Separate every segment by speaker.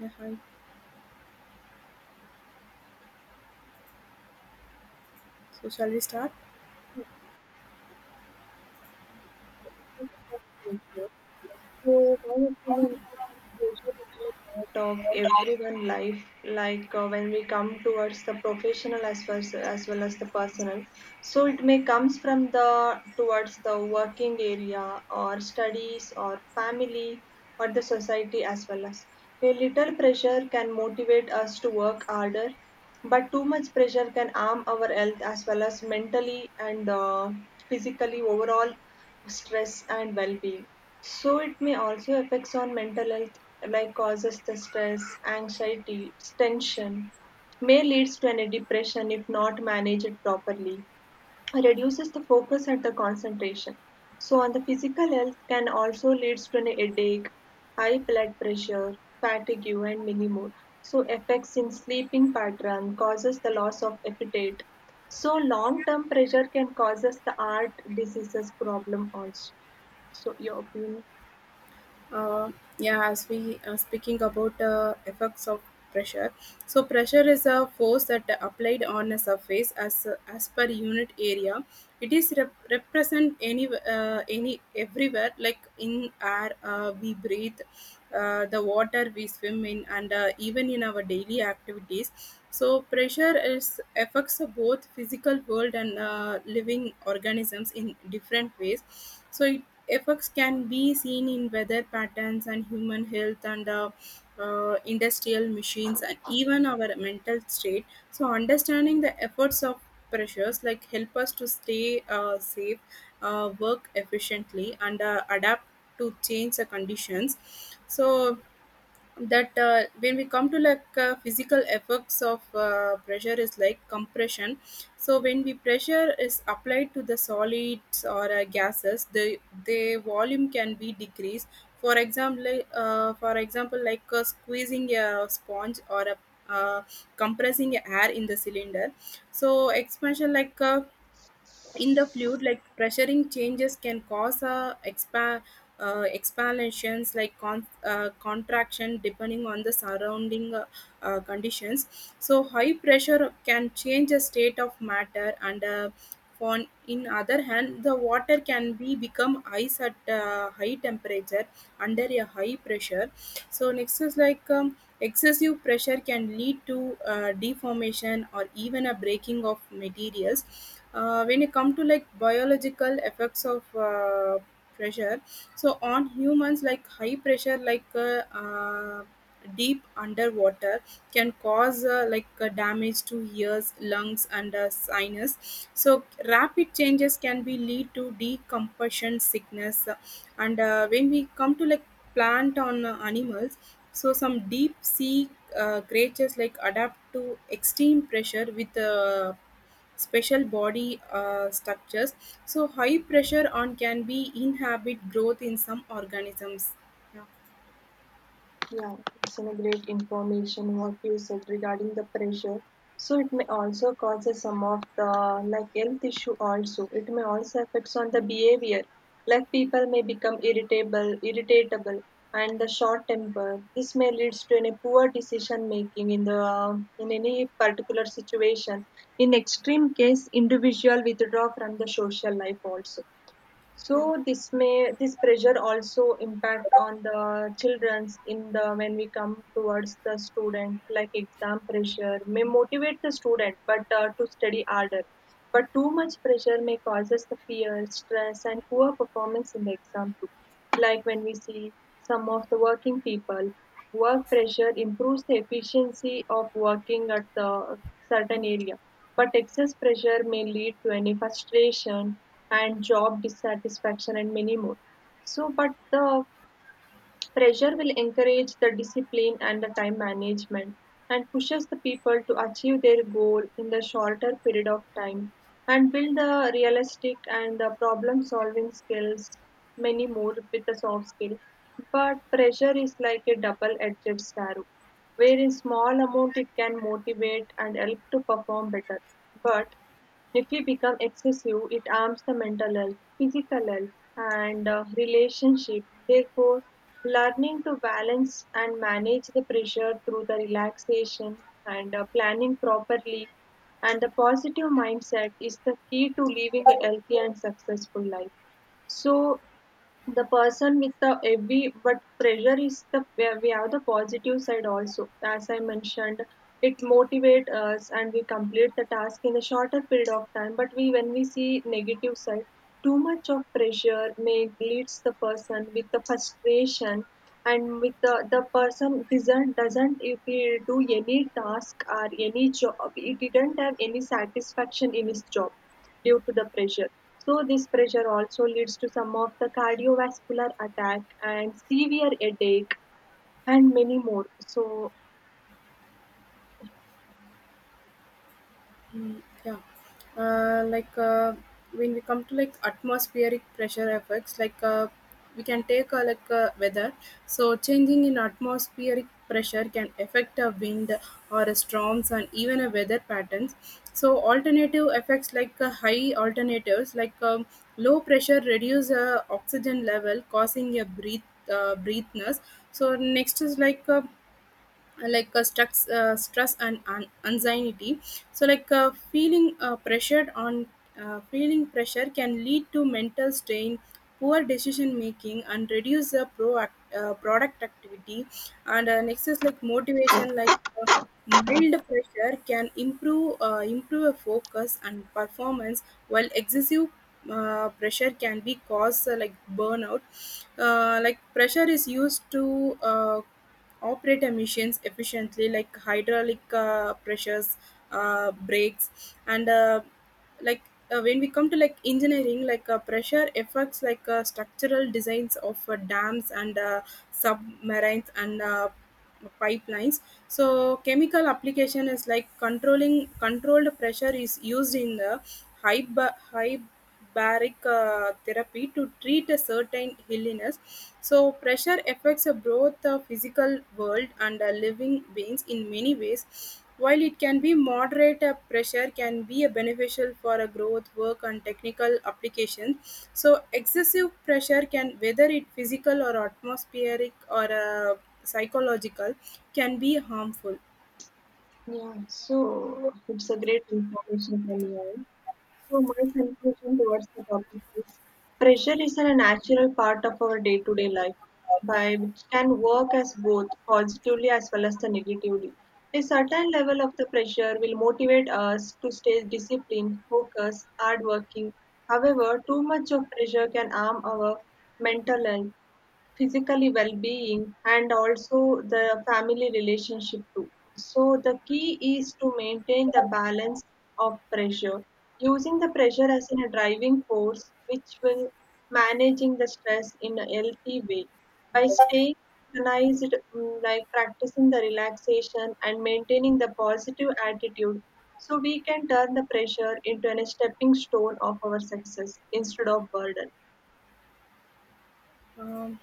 Speaker 1: Yeah, hi. So shall we start?
Speaker 2: So, my opinion is pressure is a part of everyone life. Like when we come towards the professional as well as the personal, so it may comes from the towards the working area or studies or family or the society as well as. A little pressure can motivate us to work harder, but too much pressure can harm our health as well as mentally and physically overall stress and well-being. So it may also affects on mental health like causes the stress, anxiety, tension, may leads to any depression if not managed properly reduces the focus and the concentration. So, on the physical health can also leads to an headache, high blood pressure, fatigue, and many more. So, effects in sleeping pattern causes the loss of appetite. So, long-term pressure can causes the heart diseases problem also. So, your opinion?
Speaker 1: Uh, yeah, as we are speaking about effects of pressure. So pressure is a force that applied on a surface as per unit area. It is represent any everywhere like in air we breathe, the water we swim in, and even in our daily activities. So pressure is affects both physical world and living organisms in different ways. So it effects can be seen in weather patterns and human health and industrial machines and even our mental state, so understanding the efforts of pressures like help us to stay safe, work efficiently, and adapt to change the conditions. So that when we come to like physical effects of pressure is like compression. So when we pressure is applied to the solids or gases, the volume can be decreased. For example like, squeezing a sponge or a uh, compressing air in the cylinder. So expansion like in the fluid like pressuring changes can cause expansions like contraction depending on the surrounding conditions. So high pressure can change the state of matter and on in other hand the water can be become ice at high temperature under a high pressure. So next is like excessive pressure can lead to deformation or even a breaking of materials. When you come to like biological effects of pressure, so on humans like high pressure like deep underwater can cause damage to ears, lungs, and sinus. So rapid changes can be lead to decompression sickness. And when we come to like plant on animals, so some deep sea creatures like adapt to extreme pressure with special body structures. So high pressure on can be inhibit growth in some organisms. Yeah.
Speaker 2: Yeah, it's a great information what you said regarding the pressure. So it may also causes some of the like health issue also. It may also affects on the behavior. Like people may become irritable, and the short temper. This may leads to any poor decision making in the in any particular situation. In extreme case, individual withdraw from the social life also, so
Speaker 1: Yeah.
Speaker 2: this may this pressure also impact on the children's in the when we come towards the student like exam pressure may motivate the student but to study harder, but too much pressure may causes the fear stress and poor performance in the exam too. Like when we see some of the working people, work pressure improves the efficiency of working at the certain area, but excess pressure may lead to any frustration and job dissatisfaction and many more. So but the pressure will encourage the discipline and the time management and pushes the people to achieve their goal in the shorter period of time and build the realistic and the problem solving skills, many more with the soft skill. But pressure is like a double edged sword, where in small amount it can motivate and help to perform better, but if we become excessive, it harms the mental health, physical health, and relationship. Therefore, learning to balance and manage the pressure through the relaxation and planning properly and the positive mindset is the key to living a healthy and successful life. So, the person with the heavy but pressure is the where we have the positive side also, as I mentioned, it motivates us and we complete the task in a shorter period of time, but we when we see negative side, too much of pressure may leads the person with the frustration, and with the person doesn't if he do any task or any job he didn't have any satisfaction in his job due to the pressure. So, this pressure also leads to some of the cardiovascular attack and severe headache and many more. So,
Speaker 1: Mm, yeah, uh, like uh, when we come to like atmospheric pressure effects like we can take weather. So changing in atmospheric pressure can affect a wind or a storms and even a weather patterns. So alternative effects like high alternatives like low pressure reduce oxygen level causing a breath, breathness. So next is like stress, stress and anxiety. So like feeling pressured on feeling pressure can lead to mental strain, poor decision making, and reduce the product activity. And next is like motivation like uh, mild pressure can improve a focus and performance, while excessive pressure can be cause like burnout. Like pressure is used to operate emissions efficiently, like hydraulic pressures, brakes, and like when we come to like engineering like pressure affects like structural designs of dams and submarines and pipelines. So chemical application is like controlling controlled pressure is used in the high high baric therapy to treat a certain illness. So, pressure affects both the physical world and living beings in many ways. While it can be moderate, pressure can be a beneficial for a growth, work, and technical applications. So, excessive pressure can, whether it physical or atmospheric or psychological, can be harmful.
Speaker 2: yeah, so it's a great information from you all. So my conclusion towards the topic is pressure is a natural part of our day-to-day life by which can work as both positively as well as the negatively. A certain level of the pressure will motivate us to stay disciplined, focused, hardworking. However, too much of pressure can harm our mental health, physically well-being and also the family relationship too. So the key is to maintain the balance of pressure, using the pressure as in a driving force which will managing the stress in a healthy way by staying organized, like practicing the relaxation and maintaining the positive attitude, so we can turn the pressure into a stepping stone of our success instead of burden.
Speaker 1: Um,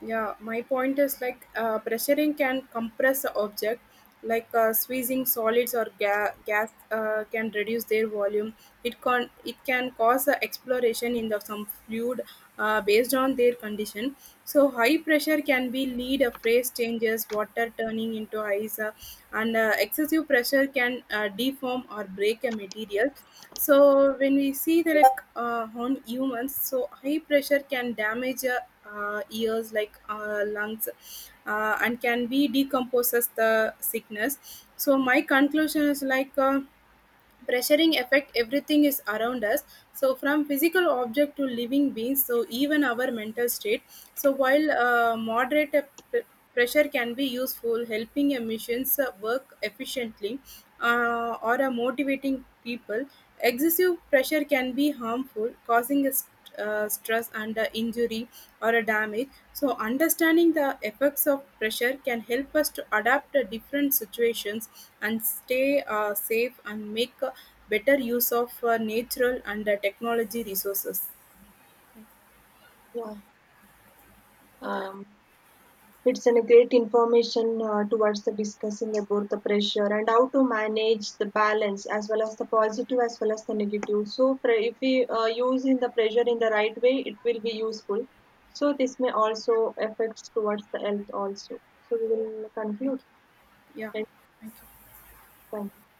Speaker 1: yeah, my point is like pressuring can compress the object, like squeezing solids or gas can reduce their volume. It can cause exploration in the some fluid based on their condition. So high pressure can be lead a phase changes, water turning into ice, and excessive pressure can deform or break a material. So when we see the like on humans, so high pressure can damage ears like lungs, and can be decomposes the sickness. So my conclusion is like. Pressuring affect everything is around us, so from physical object to living beings, so even our mental state. So while moderate p- pressure can be useful helping emissions work efficiently, or motivating people, excessive pressure can be harmful causing a stress under injury or a damage. So, understanding the effects of pressure can help us to adapt to different situations and stay safe and make better use of natural and technology resources.
Speaker 2: Yeah. um, It's an great information towards the discussing about the pressure and how to manage the balance as well as the positive as well as the negative. So if we use in the pressure in the right way, it will be useful. So this may also affects towards the health also. So we will conclude.
Speaker 1: Yeah,
Speaker 2: Thank
Speaker 1: thank you.
Speaker 2: you.